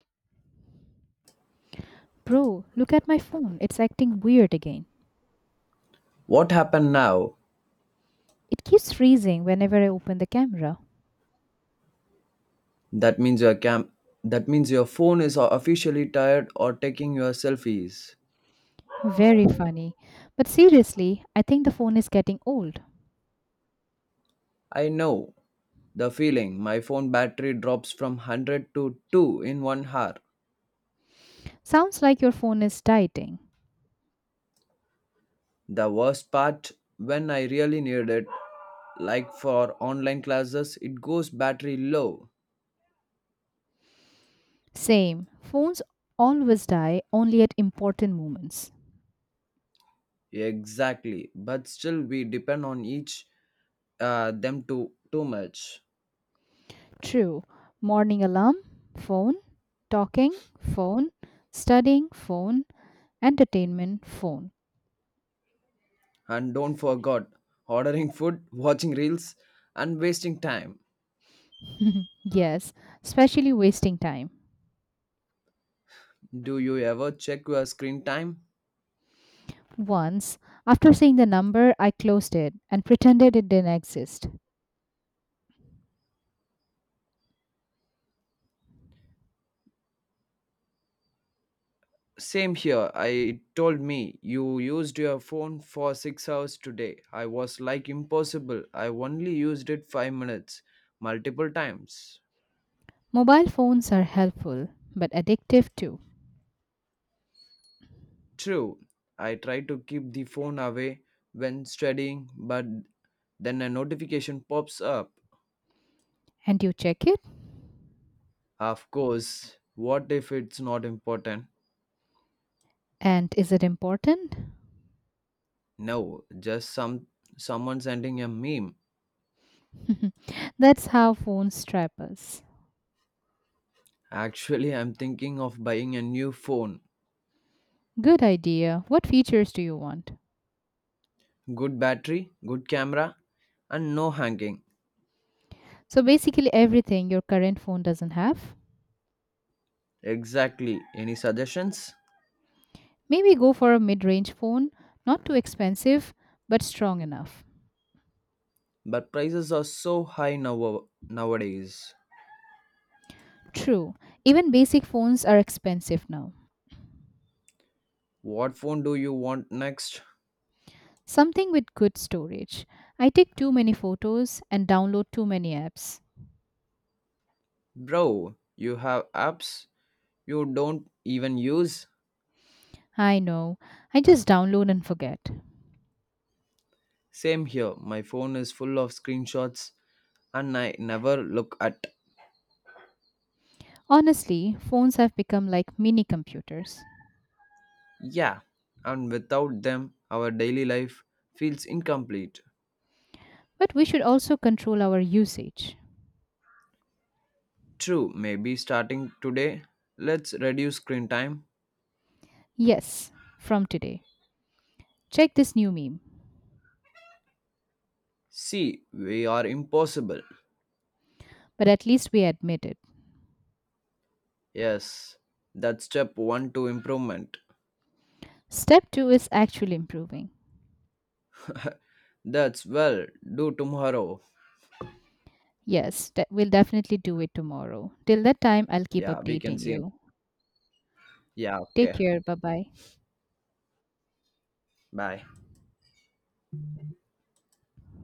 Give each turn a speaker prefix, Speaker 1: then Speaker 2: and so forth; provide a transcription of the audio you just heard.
Speaker 1: Bro, look at my phone. It's acting weird again.
Speaker 2: What happened now?
Speaker 1: It keeps freezing whenever I open the camera.
Speaker 2: That means your cam that means your phone is officially tired or taking your selfies.
Speaker 1: Very funny. But seriously, I think the phone is getting old.
Speaker 2: I know The feeling. My phone battery drops from 100 to 2 in 1 hour.
Speaker 1: Sounds like your phone is dying.
Speaker 2: The worst part When I really need it, like for online classes, it goes battery low.
Speaker 1: Same. Phones always die only at important moments.
Speaker 2: Exactly. But still we depend on each them too much.
Speaker 1: True. Morning alarm, phone, talking, phone, studying, phone, entertainment, phone.
Speaker 2: And don't forget ordering food, watching reels, and wasting time.
Speaker 1: Yes, especially wasting time.
Speaker 2: Do you ever check your screen time?
Speaker 1: Once, after seeing the number, I closed it and pretended it didn't exist.
Speaker 2: Same here. I told me you used your phone for 6 hours today. I was like impossible. I only used it 5 minutes multiple times.
Speaker 1: Mobile phones are helpful, but addictive too.
Speaker 2: True. I try to keep the phone away when studying, but then a notification pops up.
Speaker 1: And you check it?
Speaker 2: Of course, what if it's not important?
Speaker 1: And is it important?
Speaker 2: No, just someone sending a meme.
Speaker 1: That's how phones trap us.
Speaker 2: Actually, I'm thinking of buying a new phone.
Speaker 1: Good idea. What features do you want?
Speaker 2: Good battery, good camera, and no hanging.
Speaker 1: So basically, everything your current phone doesn't have.
Speaker 2: Exactly. Any suggestions?
Speaker 1: Maybe go for a mid range phone, not too expensive, but strong enough.
Speaker 2: But prices are so high now nowadays.
Speaker 1: True, even basic phones are expensive now.
Speaker 2: What phone do you want next?
Speaker 1: Something with good storage. I take too many photos and download too many apps.
Speaker 2: Bro, you have apps you don't even use?
Speaker 1: I know, I just download and forget.
Speaker 2: Same here. My phone is full of screenshots and I never look at.
Speaker 1: Honestly, phones have become like mini computers.
Speaker 2: Yeah, and without them, our daily life feels incomplete.
Speaker 1: But we should also control our usage.
Speaker 2: True, maybe starting today, let's reduce screen time.
Speaker 1: Yes, from today. Check this new meme.
Speaker 2: See, we are impossible.
Speaker 1: But at least we admit it.
Speaker 2: Yes, that's step one to improvement.
Speaker 1: Step 2 is actually improving.
Speaker 2: That's, well, do tomorrow.
Speaker 1: Yes, we'll definitely do it tomorrow. Till that time, I'll keep
Speaker 2: Yeah, we can
Speaker 1: updating
Speaker 2: see.
Speaker 1: you.
Speaker 2: Yeah,
Speaker 1: Take
Speaker 2: okay,
Speaker 1: care. Bye bye.
Speaker 2: bye.